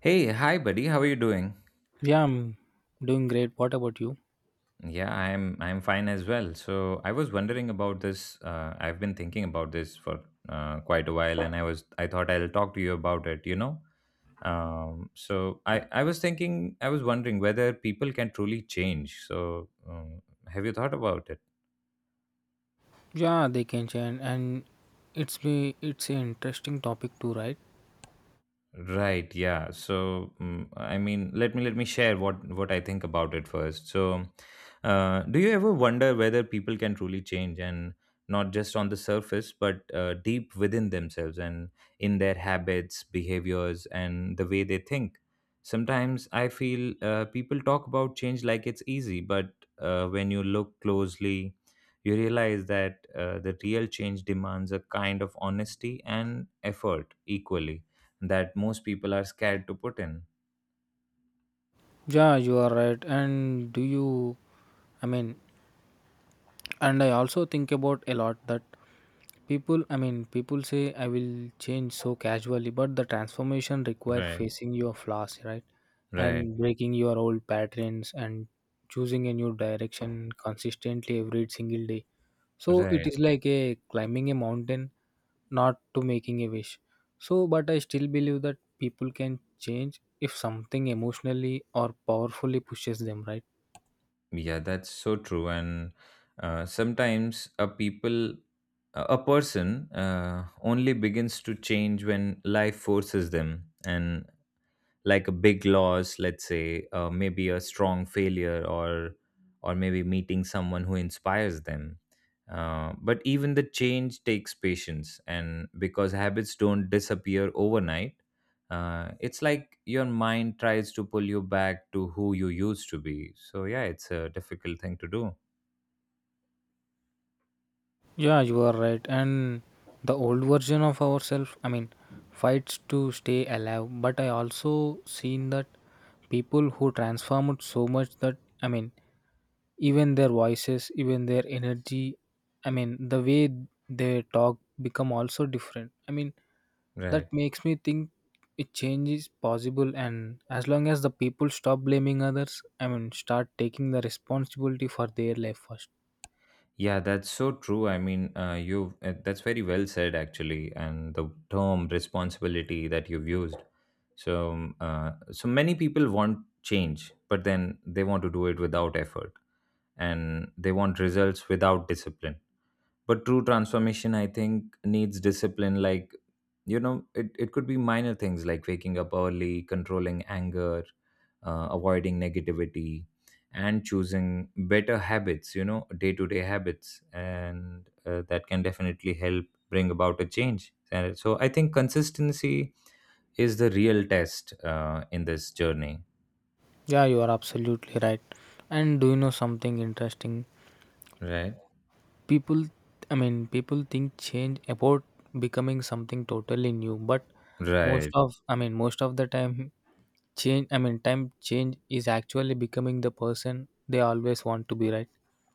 Hey, hi buddy, how are you doing? Yeah, I'm doing great. What about you? Yeah, I'm fine as well. So I was wondering about this. I've been thinking about this for quite a while, and I thought I'll talk to you about it. I was thinking I was wondering whether people can truly change. Have you thought about it? Yeah, they can change, and it's an interesting topic too, right? Right, yeah. Let me let me share what I think about it first. Do you ever wonder whether people can truly change, and not just on the surface, but deep within themselves and in their habits, behaviors, and the way they think? Sometimes I feel people talk about change like it's easy, but when you look closely, you realize that the real change demands a kind of honesty and effort equally that most people are scared to put in. Yeah, you are right. And do you? I mean, and I also think about a lot that people. People say I will change so casually, but the transformation required Right. facing your flaws, right? Right, And breaking your old patterns and choosing a new direction consistently every single day. So it right. is like a climbing a mountain, not to making a wish. So, but I still believe that people can change if something emotionally or powerfully pushes them, right? Yeah, that's so true. And sometimes a people, a person, only begins to change when life forces them, and like a big loss, let's say maybe a strong failure, or maybe meeting someone who inspires them. But even the change takes patience, and because habits don't disappear overnight. It's like your mind tries to pull you back to who you used to be. So yeah, it's a difficult thing to do. Yeah, you are right. And the old version of ourselves, fights to stay alive. But I also seen that people who transformed so much that, even their voices, even their energy, the way they talk become also different. That Right. makes me think it change is possible, and as long as the people stop blaming others, start taking the responsibility for their life first. Yeah, that's so true. I mean, you That's very well said, actually, and the term responsibility that you've used. So many people want change, but then they want to do it without effort, and they want results without discipline. But true transformation, I think, needs discipline. Like, you know, it could be minor things like waking up early, controlling anger, avoiding negativity, and choosing better habits, you know, day-to-day habits, and that can definitely help bring about a change. And so I think consistency is the real test in this journey. Yeah, you are absolutely right. And do you know something interesting? Right. People, people think change about becoming something totally new, but Right. most of, most of the time change, I mean time change is actually becoming the person they always want to be, right?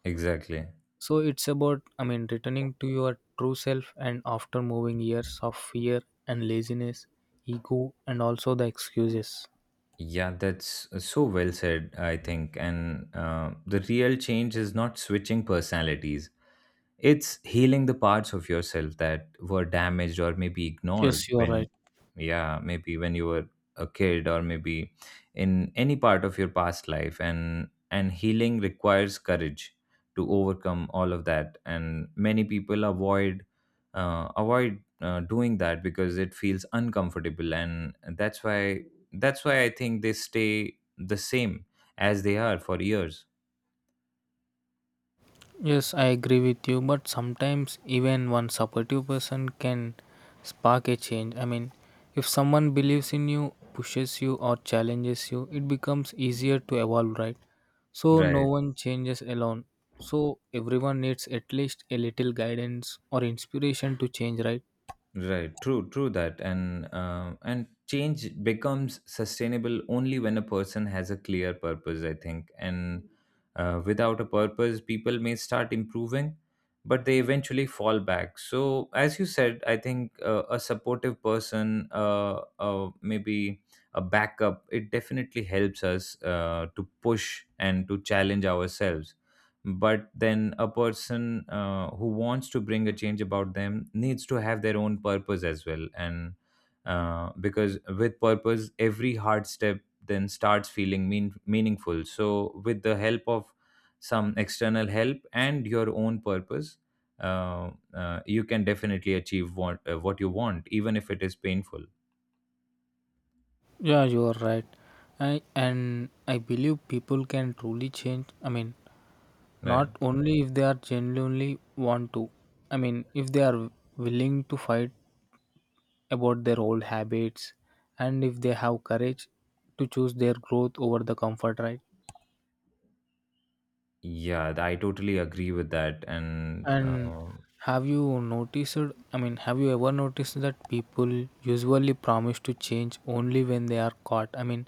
Exactly. So it's about, returning to your true self and after moving years of fear and laziness, ego, and also the excuses. Yeah, that's so well said, I think. And the real change is not switching personalities, it's healing the parts of yourself that were damaged or maybe ignored Yes, you are when, right. yeah, maybe when you were a kid, or maybe in any part of your past life. And healing requires courage to overcome all of that. And many people avoid, avoid doing that because it feels uncomfortable. That's why I think they stay the same as they are for years. Yes, I agree with you, but sometimes even one supportive person can spark a change. If someone believes in you, pushes you, or challenges you, it becomes easier to evolve, right? So, no Right. one changes alone. So, everyone needs at least a little guidance or inspiration to change, right? Right, true, true that. And change becomes sustainable only when a person has a clear purpose, I think. And without a purpose, people may start improving, but they eventually fall back. So, as you said, I think a supportive person, maybe a backup, it definitely helps us to push and to challenge ourselves. But then a person who wants to bring a change about them needs to have their own purpose as well. And Because with purpose, every hard step then starts feeling meaningful. So with the help of some external help and your own purpose, you can definitely achieve what you want, even if it is painful. Yeah, you are right. I and I believe people can truly change. Right. Not only if they are genuinely want to. If they are willing to fight about their old habits, and if they have courage to choose their growth over the comfort, right? Yeah, I totally agree with that. And And have you noticed, have you ever noticed that people usually promise to change only when they are caught,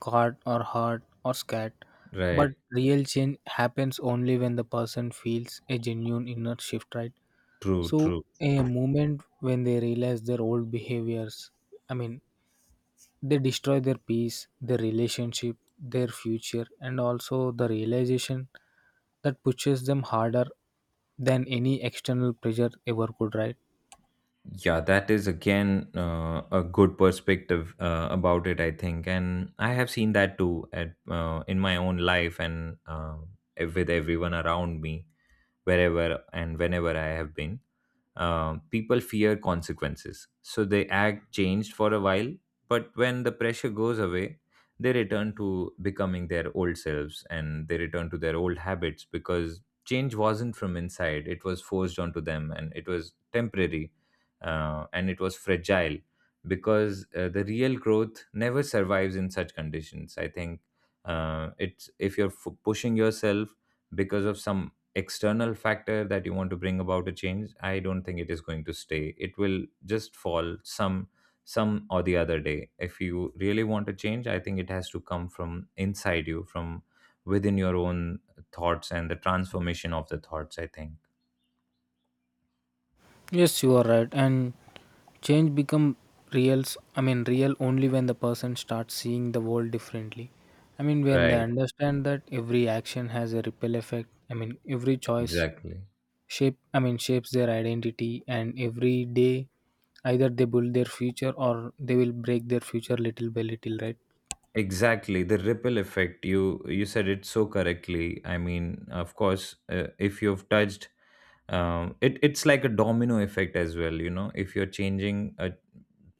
caught or hurt or scared? But Right, real change happens only when the person feels a genuine inner shift, right? true, So true. a moment when they realize their old behaviors, i mean they destroy their peace, their relationship, their future, and also the realization that pushes them harder than any external pressure ever could, right? Yeah, that is again a good perspective about it, I think, and I have seen that too at in my own life, and with everyone around me, wherever and whenever I have been. People fear consequences, so they act changed for a while. But when the pressure goes away, they return to becoming their old selves, and they return to their old habits, because change wasn't from inside, it was forced onto them, and it was temporary, and it was fragile. Because the real growth never survives in such conditions, I think. It's, if you're pushing yourself because of some external factor that you want to bring about a change, I don't think it is going to stay. It will just fall some or the other day. If you really want to change, I think it has to come from inside you, from within your own thoughts, and the transformation of the thoughts, I think. Yes, you are right. And change become real, real only when the person starts seeing the world differently. When they Right. understand that every action has a ripple effect. Every choice Exactly. shape, shapes their identity, and every day either they build their future or they will break their future little by little, right? Exactly, the ripple effect. You said it so correctly. I mean, of course, if you've touched, it, it's like a domino effect as well. You know, if you're changing a,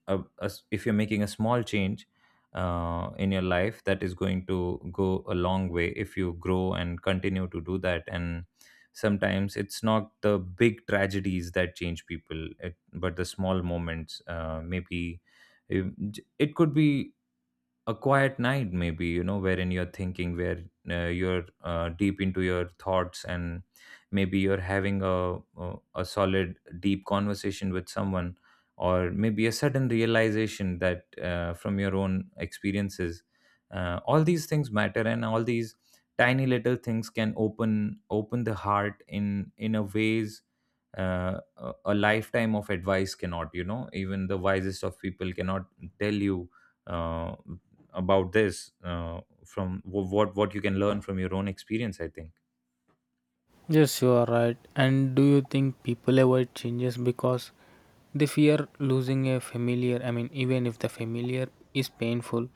a, a s- if you're making a small change in your life, that is going to go a long way if you grow and continue to do that. And sometimes it's not the big tragedies that change people, it, but the small moments. Maybe it could be a quiet night, maybe, you know, wherein you're thinking, where you're deep into your thoughts, and maybe you're having a solid deep conversation with someone, or maybe a sudden realization that from your own experiences. All these things matter, and all these tiny little things can open open the heart in a ways uh, a lifetime of advice cannot. You know, even the wisest of people cannot tell you uh, about this, what you can learn from your own experience, I think. Yes, you are right. And do you think people avoid changes because they fear losing a familiar, even if the familiar is painful?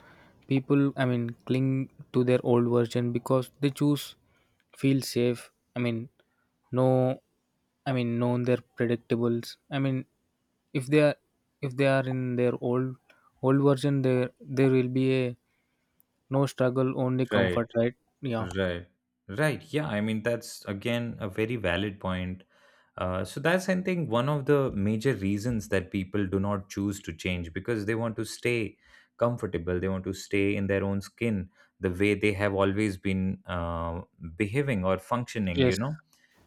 People, cling to their old version because they choose feel safe. i mean no, known their predictables. If they are, if they are in their old version, there will be a no struggle, only Right. comfort, right? Yeah. Right. Right, yeah, I mean that's again a very valid point. So that's, I think, one of the major reasons that people do not choose to change, because they want to stay comfortable, they want to stay in their own skin, the way they have always been, behaving or functioning, Yes, you know.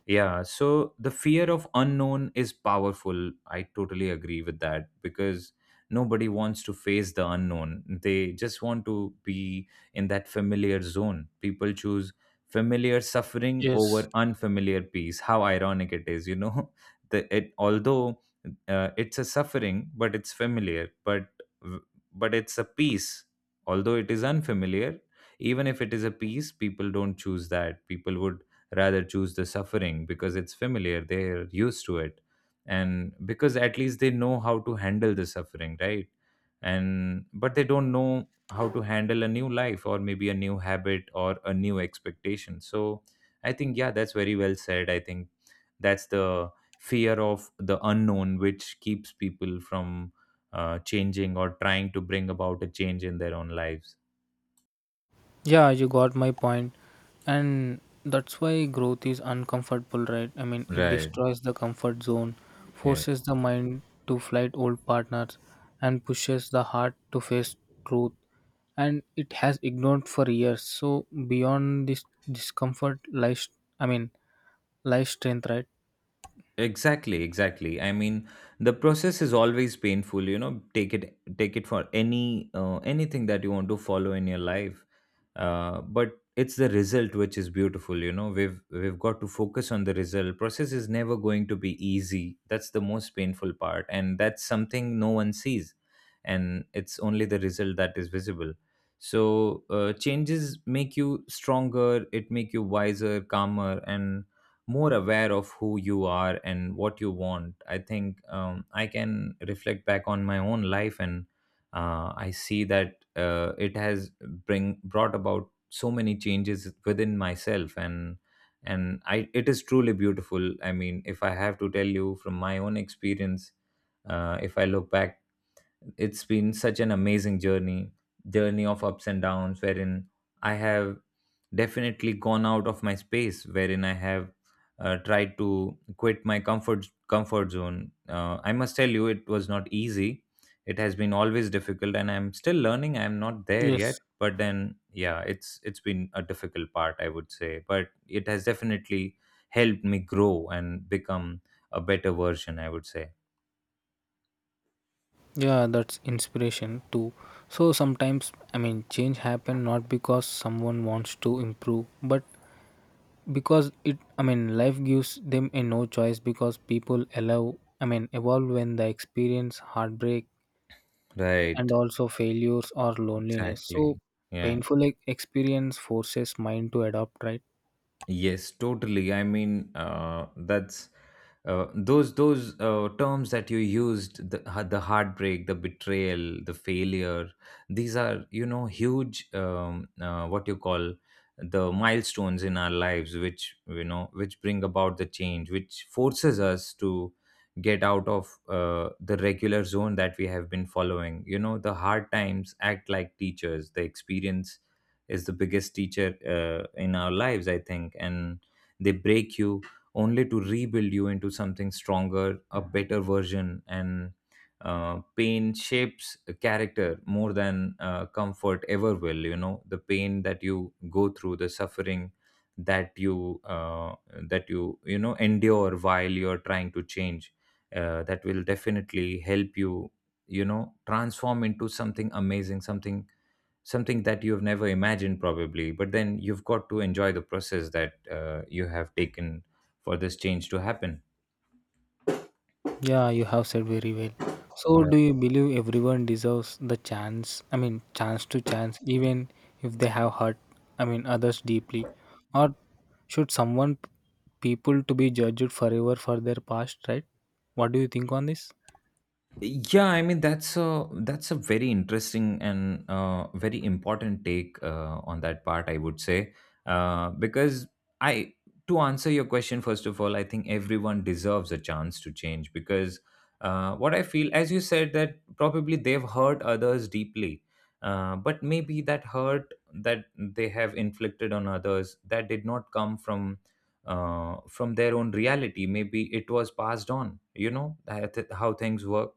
Yeah, so the fear of unknown is powerful. I totally agree with that, because nobody wants to face the unknown. They just want to be in that familiar zone. People choose familiar suffering yes. over unfamiliar peace. How ironic it is, you know? The, it, although it's a suffering, but it's familiar, but it's a peace. Although it is unfamiliar, even if it is a peace, people don't choose that. People would rather choose the suffering because it's familiar, they're used to it, and because at least they know how to handle the suffering, right? And but they don't know how to handle a new life, or maybe a new habit, or a new expectation. So I think, yeah, that's very well said, I think. That's the fear of the unknown which keeps people from changing or trying to bring about a change in their own lives. Yeah, you got my point. And that's why growth is uncomfortable, right? It Right. destroys the comfort zone, Yeah. forces the mind to fight old partners, and pushes the heart to face truth, and it has ignored for years. So beyond this discomfort lies, i mean lies strength, right? Exactly, exactly. I mean, the process is always painful, you know. Take it for any anything that you want to follow in your life. But it's the result which is beautiful, you know. We've got to focus on the result. Process is never going to be easy. That's the most painful part, and that's something no one sees, and it's only the result that is visible. So, changes make you stronger, it make you wiser, calmer, and more aware of who you are and what you want. I think, I can reflect back on my own life, and I see that it has bring brought about so many changes within myself, and I, it is truly beautiful. I mean, if I have to tell you from my own experience, if I look back, it's been such an amazing journey, journey of ups and downs, wherein I have definitely gone out of my space, wherein I have tried to quit my comfort zone. I must tell you, it was not easy. It has been always difficult, and I'm still learning, I'm not there Yes. yet, but then yeah, it's been a difficult part, I would say, but it has definitely helped me grow and become a better version, I would say. Yeah, that's inspiration too. So sometimes, change happen not because someone wants to improve, but because it, life gives them a no choice, because people allow, evolve when they experience heartbreak Right. and also failures or loneliness. Exactly. So Yeah. Experience forces mind to adapt, right? Yes, totally. I mean, that's Those terms that you used, the the heartbreak, the betrayal, the failure. These are, you know, huge, what you call, the milestones in our lives, which, you know, which bring about the change, which forces us to get out of the regular zone that we have been following. You know, the hard times act like teachers. The experience is the biggest teacher in our lives, I think, and they break you only to rebuild you into something stronger, a better version. And pain shapes a character more than comfort ever will. You know, the pain that you go through, the suffering that you uh, that you know endure while you're trying to change, that will definitely help you, you know, transform into something amazing, something that you've never imagined probably. But then you've got to enjoy the process that you have taken for this change to happen. Yeah, you have said very well. Uh, So, do you believe everyone deserves the chance? Chance to chance, even if they have hurt, others deeply, or should someone people to be judged forever for their past, right? What do you think on this? yeah, I mean, that's a very interesting and very important take on that part, I would say. Because I to answer your question, first of all, I think everyone deserves a chance to change. Because what I feel, as you said, that probably they've hurt others deeply, but maybe that hurt that they have inflicted on others, that did not come from from their own reality. Maybe it was passed on, you know, that how things work.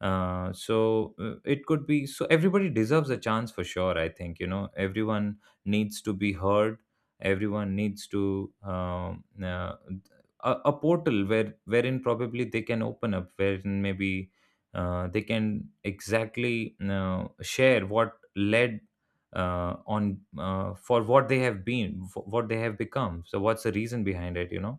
So it could be. So everybody deserves a chance, for sure, I think. You know, everyone needs to be heard, everyone needs to a portal wherein probably they can open up, wherein maybe they can exactly, you share what led on for what they have been, for what they have become, so what's the reason behind it, you know.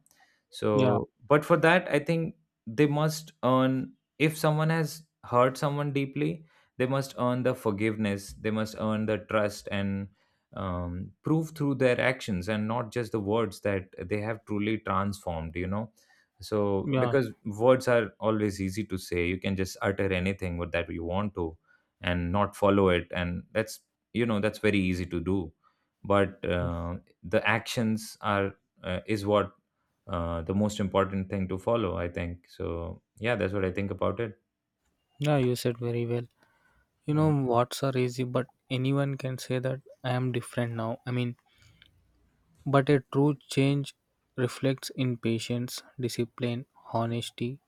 Yeah, So but for that, I think they must earn. If someone has hurt someone deeply, they must earn the forgiveness, they must earn the trust, and prove through their actions and not just the words, that they have truly transformed, you know. So yeah, because words are always easy to say, you can just utter anything what that you want to, and not follow it, and that's, you know, that's very easy to do. But yeah. The actions are, is what, the most important thing to follow, I think. So yeah, that's what I think about it. Yeah, you said very well. You Right. know, what's are easy, but anyone can say that I am different now. But a true change reflects in patience, discipline, honesty,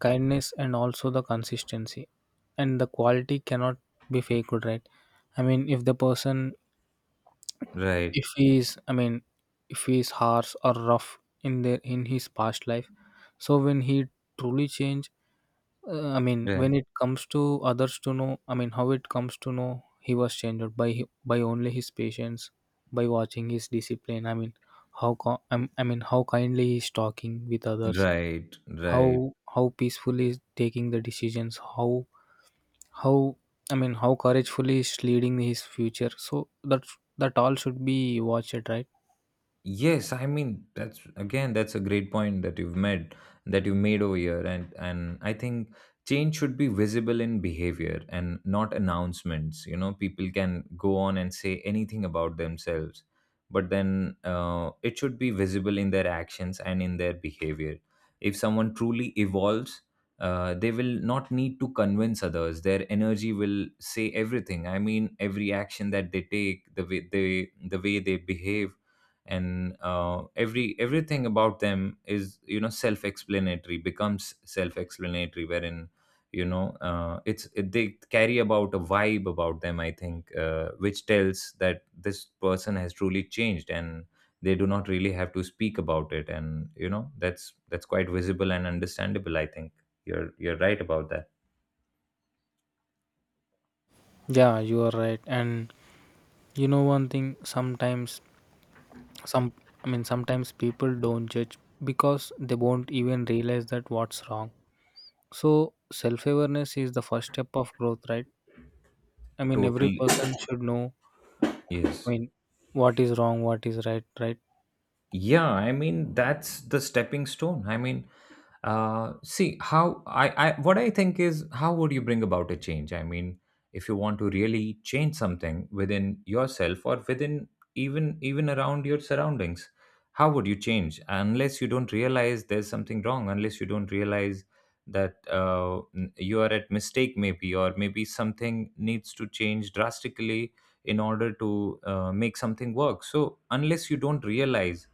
kindness, and also the consistency, and the quality cannot be faked, right? If the person, Right. if he is, if he is harsh or rough in their in his past life, so when he truly change, Right. when it comes to others to know, how it comes to know he was changed by by only his patience, by watching his discipline. How kindly he's talking with others, Right. Right. how peacefully he's taking the decisions, how, how couragefully is leading his future, so that that all should be watched, right? Yes, I mean, that's again, that's a great point that you made over here, and I think change should be visible in behavior and not announcements. You know, people can go on and say anything about themselves, but then it should be visible in their actions and in their behavior. If someone truly evolves, they will not need to convince others. Their energy will say everything. I mean, every action that they take, the way they behave, and everything about them is, you know, self-explanatory, becomes self-explanatory, wherein, you know, they carry about a vibe about them, I think, which tells that this person has truly changed, and they do not really have to speak about it. And you know, that's quite visible and understandable, I think. You're right about that. Yeah, you are right. And you know one thing, sometimes some, sometimes people don't judge because they won't even realize that what's wrong. So self-awareness is the first step of growth, right? Every Totally. person should know, i Yes. mean what is wrong, what is right, right? Yeah, I mean, that's the stepping stone. I mean, see, how I, what I think is, how would you bring about a change? I mean, if you want to really change something within yourself or within, even around your surroundings, how would you change unless you don't realize there's something wrong, unless you don't realize that you are at mistake, maybe, or maybe something needs to change drastically in order to make something work. So unless you don't realize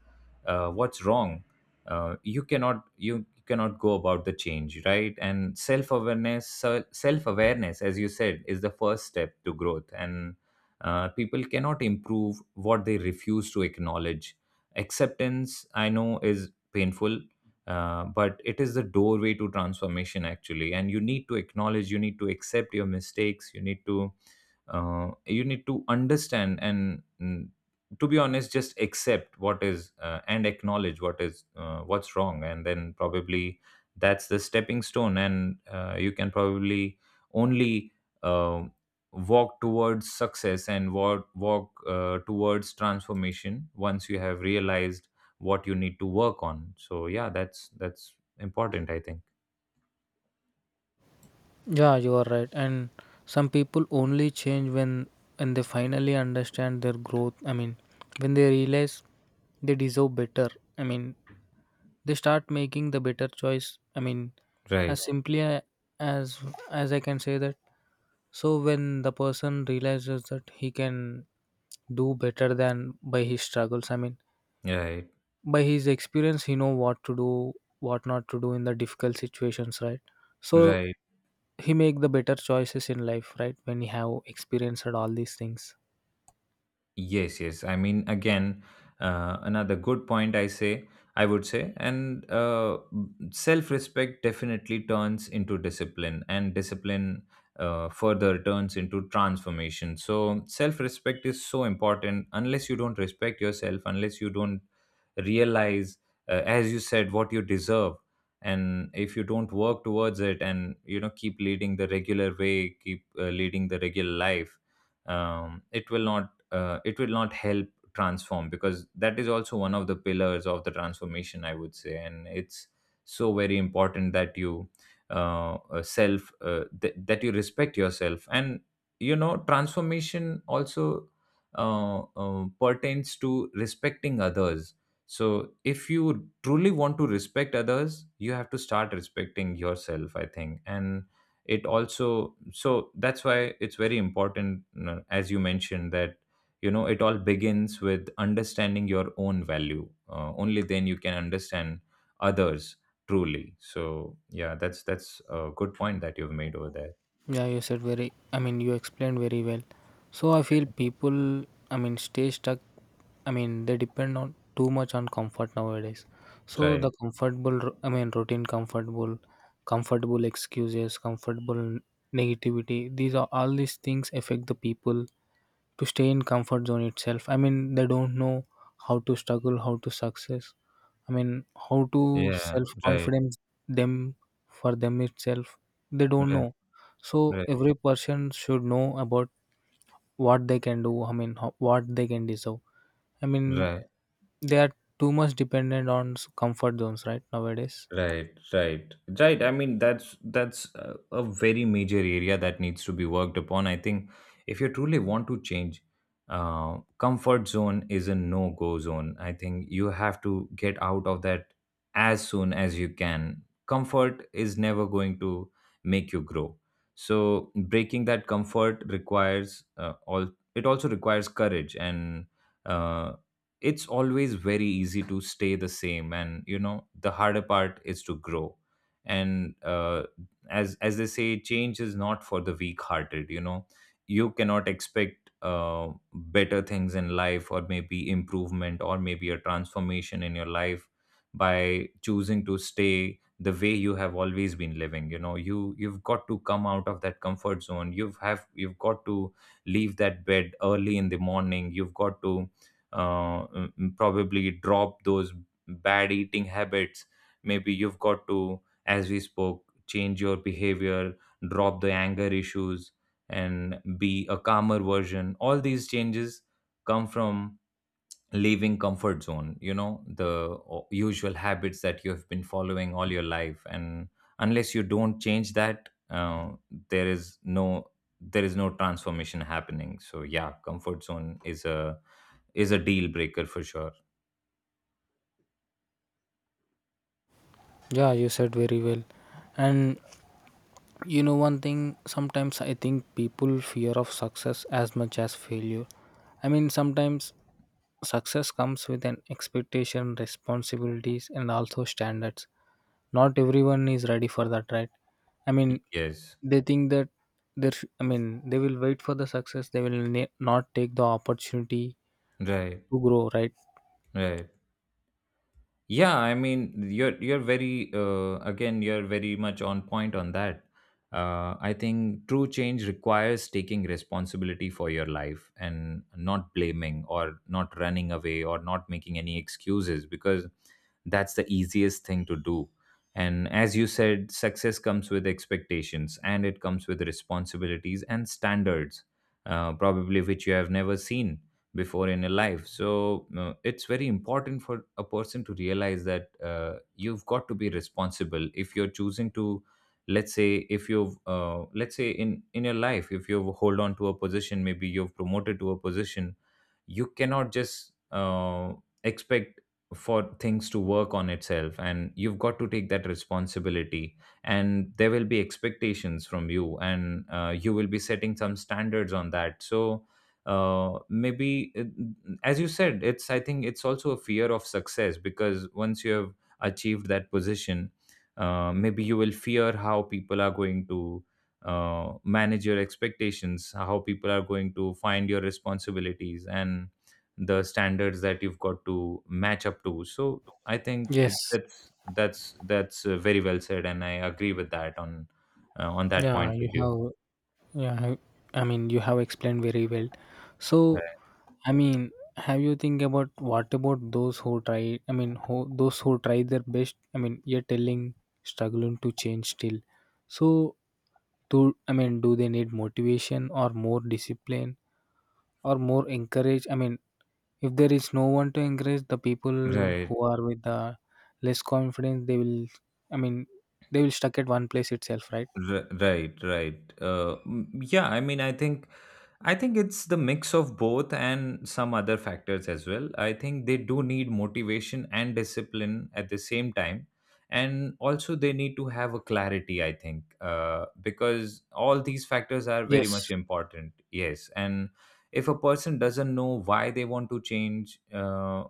what's wrong, you cannot go about the change, right? And self awareness, as you said, is the first step to growth. And people cannot improve what they refuse to acknowledge. Acceptance, I know, is painful, but it is the doorway to transformation, actually. And you need to acknowledge, you need to accept your mistakes, you need to understand, and to be honest, just accept what is, and acknowledge what is, what's wrong, and then probably that's the stepping stone. And you can probably only uh, walk towards success, and walk towards transformation, once you have realized what you need to work on. So yeah, that's important, I think. Yeah, you are right. And some people only change when they finally understand their growth. When they realize they deserve better. I mean, they start making the better choice. As Right. simply a- as as I can say that. So when the person realizes that he can do better than by his struggles. Right. By his experience, he know what to do, what not to do in the difficult situations, right? So Right. he make the better choices in life, right, when he have experienced all these things. Yes, yes. I mean, again, another good point, I would say. And self respect definitely turns into discipline, and discipline further turns into transformation. So, self respect is so important. Unless you don't respect yourself, unless you don't realize, as you said, what you deserve, and if you don't work towards it, and, you know, keep leading the regular way, keep leading the regular life, it will not help transform. Because that is also one of the pillars of the transformation, I would say, and it's so very important that you that you respect yourself. And you know, transformation also pertains to respecting others. So if you truly want to respect others, you have to start respecting yourself, I think. And it also, so that's why it's very important, you know, as you mentioned, that you know it all begins with understanding your own value. Only then you can understand others truly. So yeah, that's a good point that you've made over there. Yeah, you said very, you explained very well. So I feel people, stay stuck. They depend on too much on comfort nowadays. So Right. the comfortable, routine, comfortable, comfortable excuses, comfortable negativity. These are all these things affect the people to stay in comfort zone itself. They don't know how to struggle, how to success. How to Yeah. self Right. confidence them for them itself. They don't Right. know. So Right. every person should know about what they can do. What they can deserve. I mean, Right. they are too much dependent on comfort zones, right, nowadays? Right, right, right. I mean, that's a, very major area that needs to be worked upon. I think if you truly want to change, comfort zone is a no go zone. I think you have to get out of that as soon as you can. Comfort is never going to make you grow. So breaking that comfort requires all. It also requires courage, and uh, it's always very easy to stay the same, and you know the harder part is to grow. And as they say, change is not for the weak hearted, you know. You cannot expect better things in life, or maybe improvement, or maybe a transformation in your life by choosing to stay the way you have always been living. You know, you you've got to come out of that comfort zone, you've got to leave that bed early in the morning. You've got to probably drop those bad eating habits. Maybe you've got to, as we spoke, change your behavior, drop the anger issues, and be a calmer version. All these changes come from leaving comfort zone. You know, the usual habits that you have been following all your life. And unless you don't change that, there is no, transformation happening. So yeah, comfort zone is a, deal breaker for sure. Yeah, you said very well. And you know one thing. Sometimes I think people fear of success as much as failure. Sometimes success comes with an expectation, responsibilities, and also standards. Not everyone is ready for that, right? I Y- mean, Yes. they think that they will wait for the success, they will not take the opportunity Right. to grow, right? Right. Yeah, I mean, you're very, again, you're very much on point on that. I think true change requires taking responsibility for your life and not blaming, or not running away, or not making any excuses, because that's the easiest thing to do. And as you said, success comes with expectations, and it comes with responsibilities and standards, probably which you have never seen before in your life. So it's very important for a person to realize that, you've got to be responsible if you're choosing to, let's say, if you've let's say, in your life, if you've hold on to a position, maybe you've promoted to a position, you cannot just expect for things to work on itself. And you've got to take that responsibility, and there will be expectations from you, and you will be setting some standards on that. So maybe it, as you said, it's, I think it's also a fear of success, because once you have achieved that position, maybe you will fear how people are going to manage your expectations, how people are going to find your responsibilities, and the standards that you've got to match up to. So I think Yes. it, that's very well said, and I agree with that on that Yeah, point with you you. have, yeah, I mean you have explained very well. So, Right i mean have you think about what about those who try, who those who try their best, you're telling struggling to change still? So do, do they need motivation or more discipline or more encourage? If there is no one to encourage, the people Right. who are with the less confidence, they will, I mean, they will stuck at one place itself, right? Right, right. Yeah, I mean, I think, it's the mix of both, and some other factors as well. I think they do need motivation and discipline at the same time. And also, they need to have a clarity, I think, because all these factors are very much Yes, important. Yes. And if a person doesn't know why they want to change,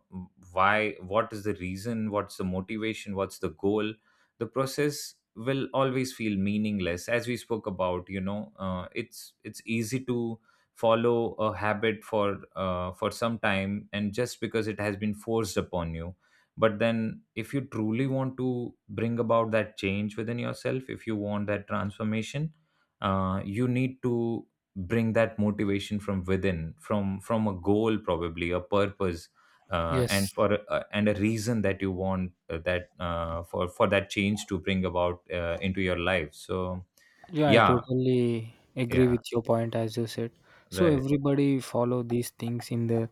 why, what is the reason, what's the motivation, what's the goal, the process will always feel meaningless. As we spoke about, you know, it's easy to follow a habit for for some time, and just because it has been forced upon you. But then if you truly want to bring about that change within yourself, if you want that transformation, you need to bring that motivation from within, from a goal, probably, a purpose, yes. And a reason that you want, that for that change to bring about into your life. So Yeah, I yeah. totally agree Yeah. with your point as you said. So Right. everybody follow these things in the,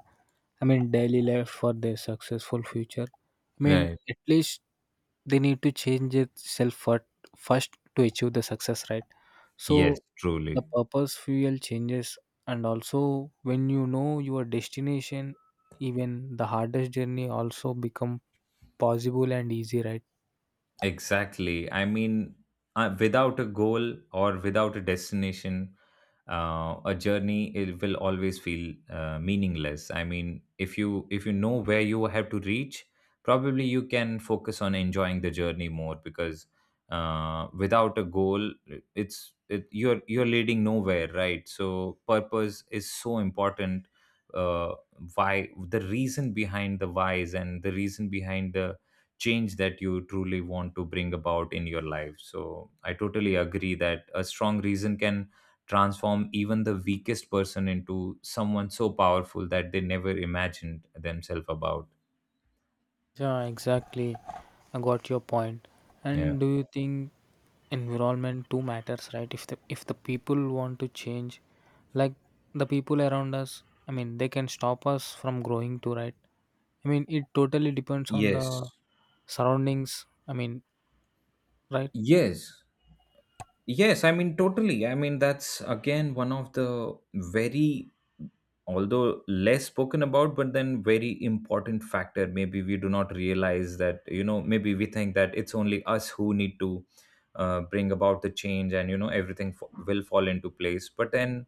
daily life for their successful future. Right. At least they need to change itself for, first to achieve the success, right? Yes, So the truly. purpose fuel changes, and also when you know your destination, even the hardest journey also become possible and easy, right? Exactly. I mean, without a goal, or without a destination, a journey, it will always feel meaningless. I mean, if you, if you know where you have to reach, probably you can focus on enjoying the journey more, because without a goal, you're leading nowhere, right? So purpose is so important. Uh, why, the reason behind the whys, and the reason behind the change that you truly want to bring about in your life. So I totally agree that a strong reason can transform even the weakest person into someone so powerful that they never imagined themselves about. Yeah, exactly. I got your point. Yeah. And do you think environment too matters, right? If the, if the people want to change, like the people around us, they can stop us from growing too, right? It totally depends on the Yes. surroundings. Right? Yes. Yes, I mean, totally. I mean, that's again one of the very, although less spoken about, but then very important factor. Maybe we do not realize that, you know, maybe we think that it's only us who need to bring about the change, and, you know, everything will fall into place. But then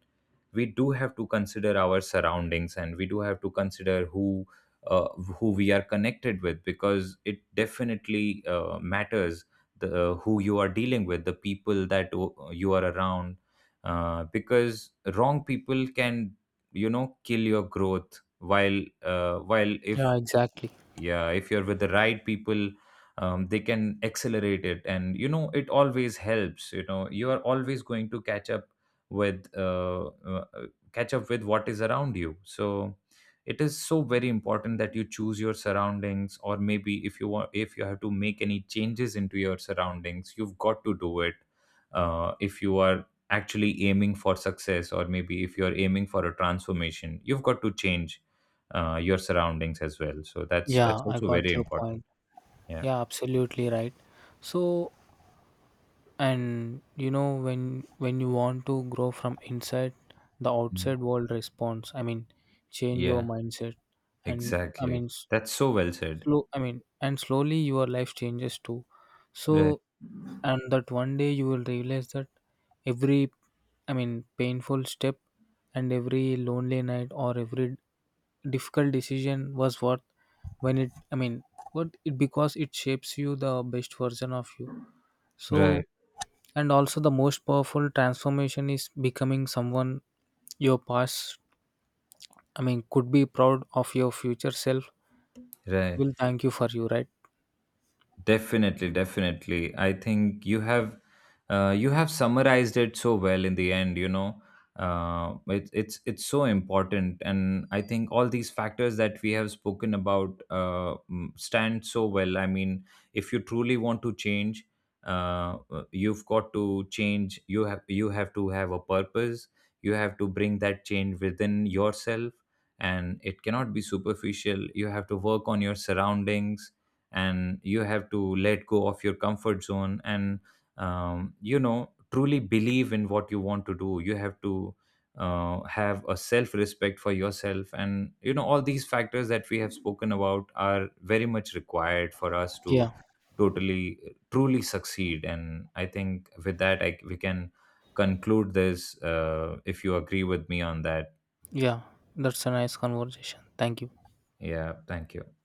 we do have to consider our surroundings, and we do have to consider who. Uh, who we are connected with, because it definitely matters, the who you are dealing with, the people that you are around, because wrong people can, you know, kill your growth, while if, Yeah, exactly. yeah, if you're with the right people, they can accelerate it. And you know, it always helps. You know, you are always going to catch up with what is around you. So it is so very important that you choose your surroundings, or maybe if you want, if you have to make any changes into your surroundings, you've got to do it. If you are actually aiming for success, or maybe if you are aiming for a transformation, you've got to change your surroundings as well. So that's Yeah, that's I also very got your important. point. Yeah. Yeah, absolutely right. So, and you know when you want to grow from inside, the Yeah. outside world responds. Change your Yeah, mindset, and, exactly. That's so well said. slow and slowly your life changes too. Right. So, and that one day you will realize that every, painful step, and every lonely night, or every difficult decision was worth, when it, what it, because it shapes you the best version of you. So, Right. and also the most powerful transformation is becoming someone your past, could be proud of, your future self Right. will thank you for, you right? Definitely, definitely. I think you have summarized it so well in the end. You know, it's so important, and I think all these factors that we have spoken about stand so well. I mean, if you truly want to change, you've got to change. You have, to have a purpose. You have to bring that change within yourself, and it cannot be superficial. You have to work on your surroundings, and you have to let go of your comfort zone, and you know, truly believe in what you want to do. You have to have a self respect for yourself, and you know all these factors that we have spoken about are very much required for us to, Yeah. totally, truly succeed. And I think with that we can conclude this, if you agree with me on that. Yeah, that's a nice conversation, thank you. Yeah, thank you.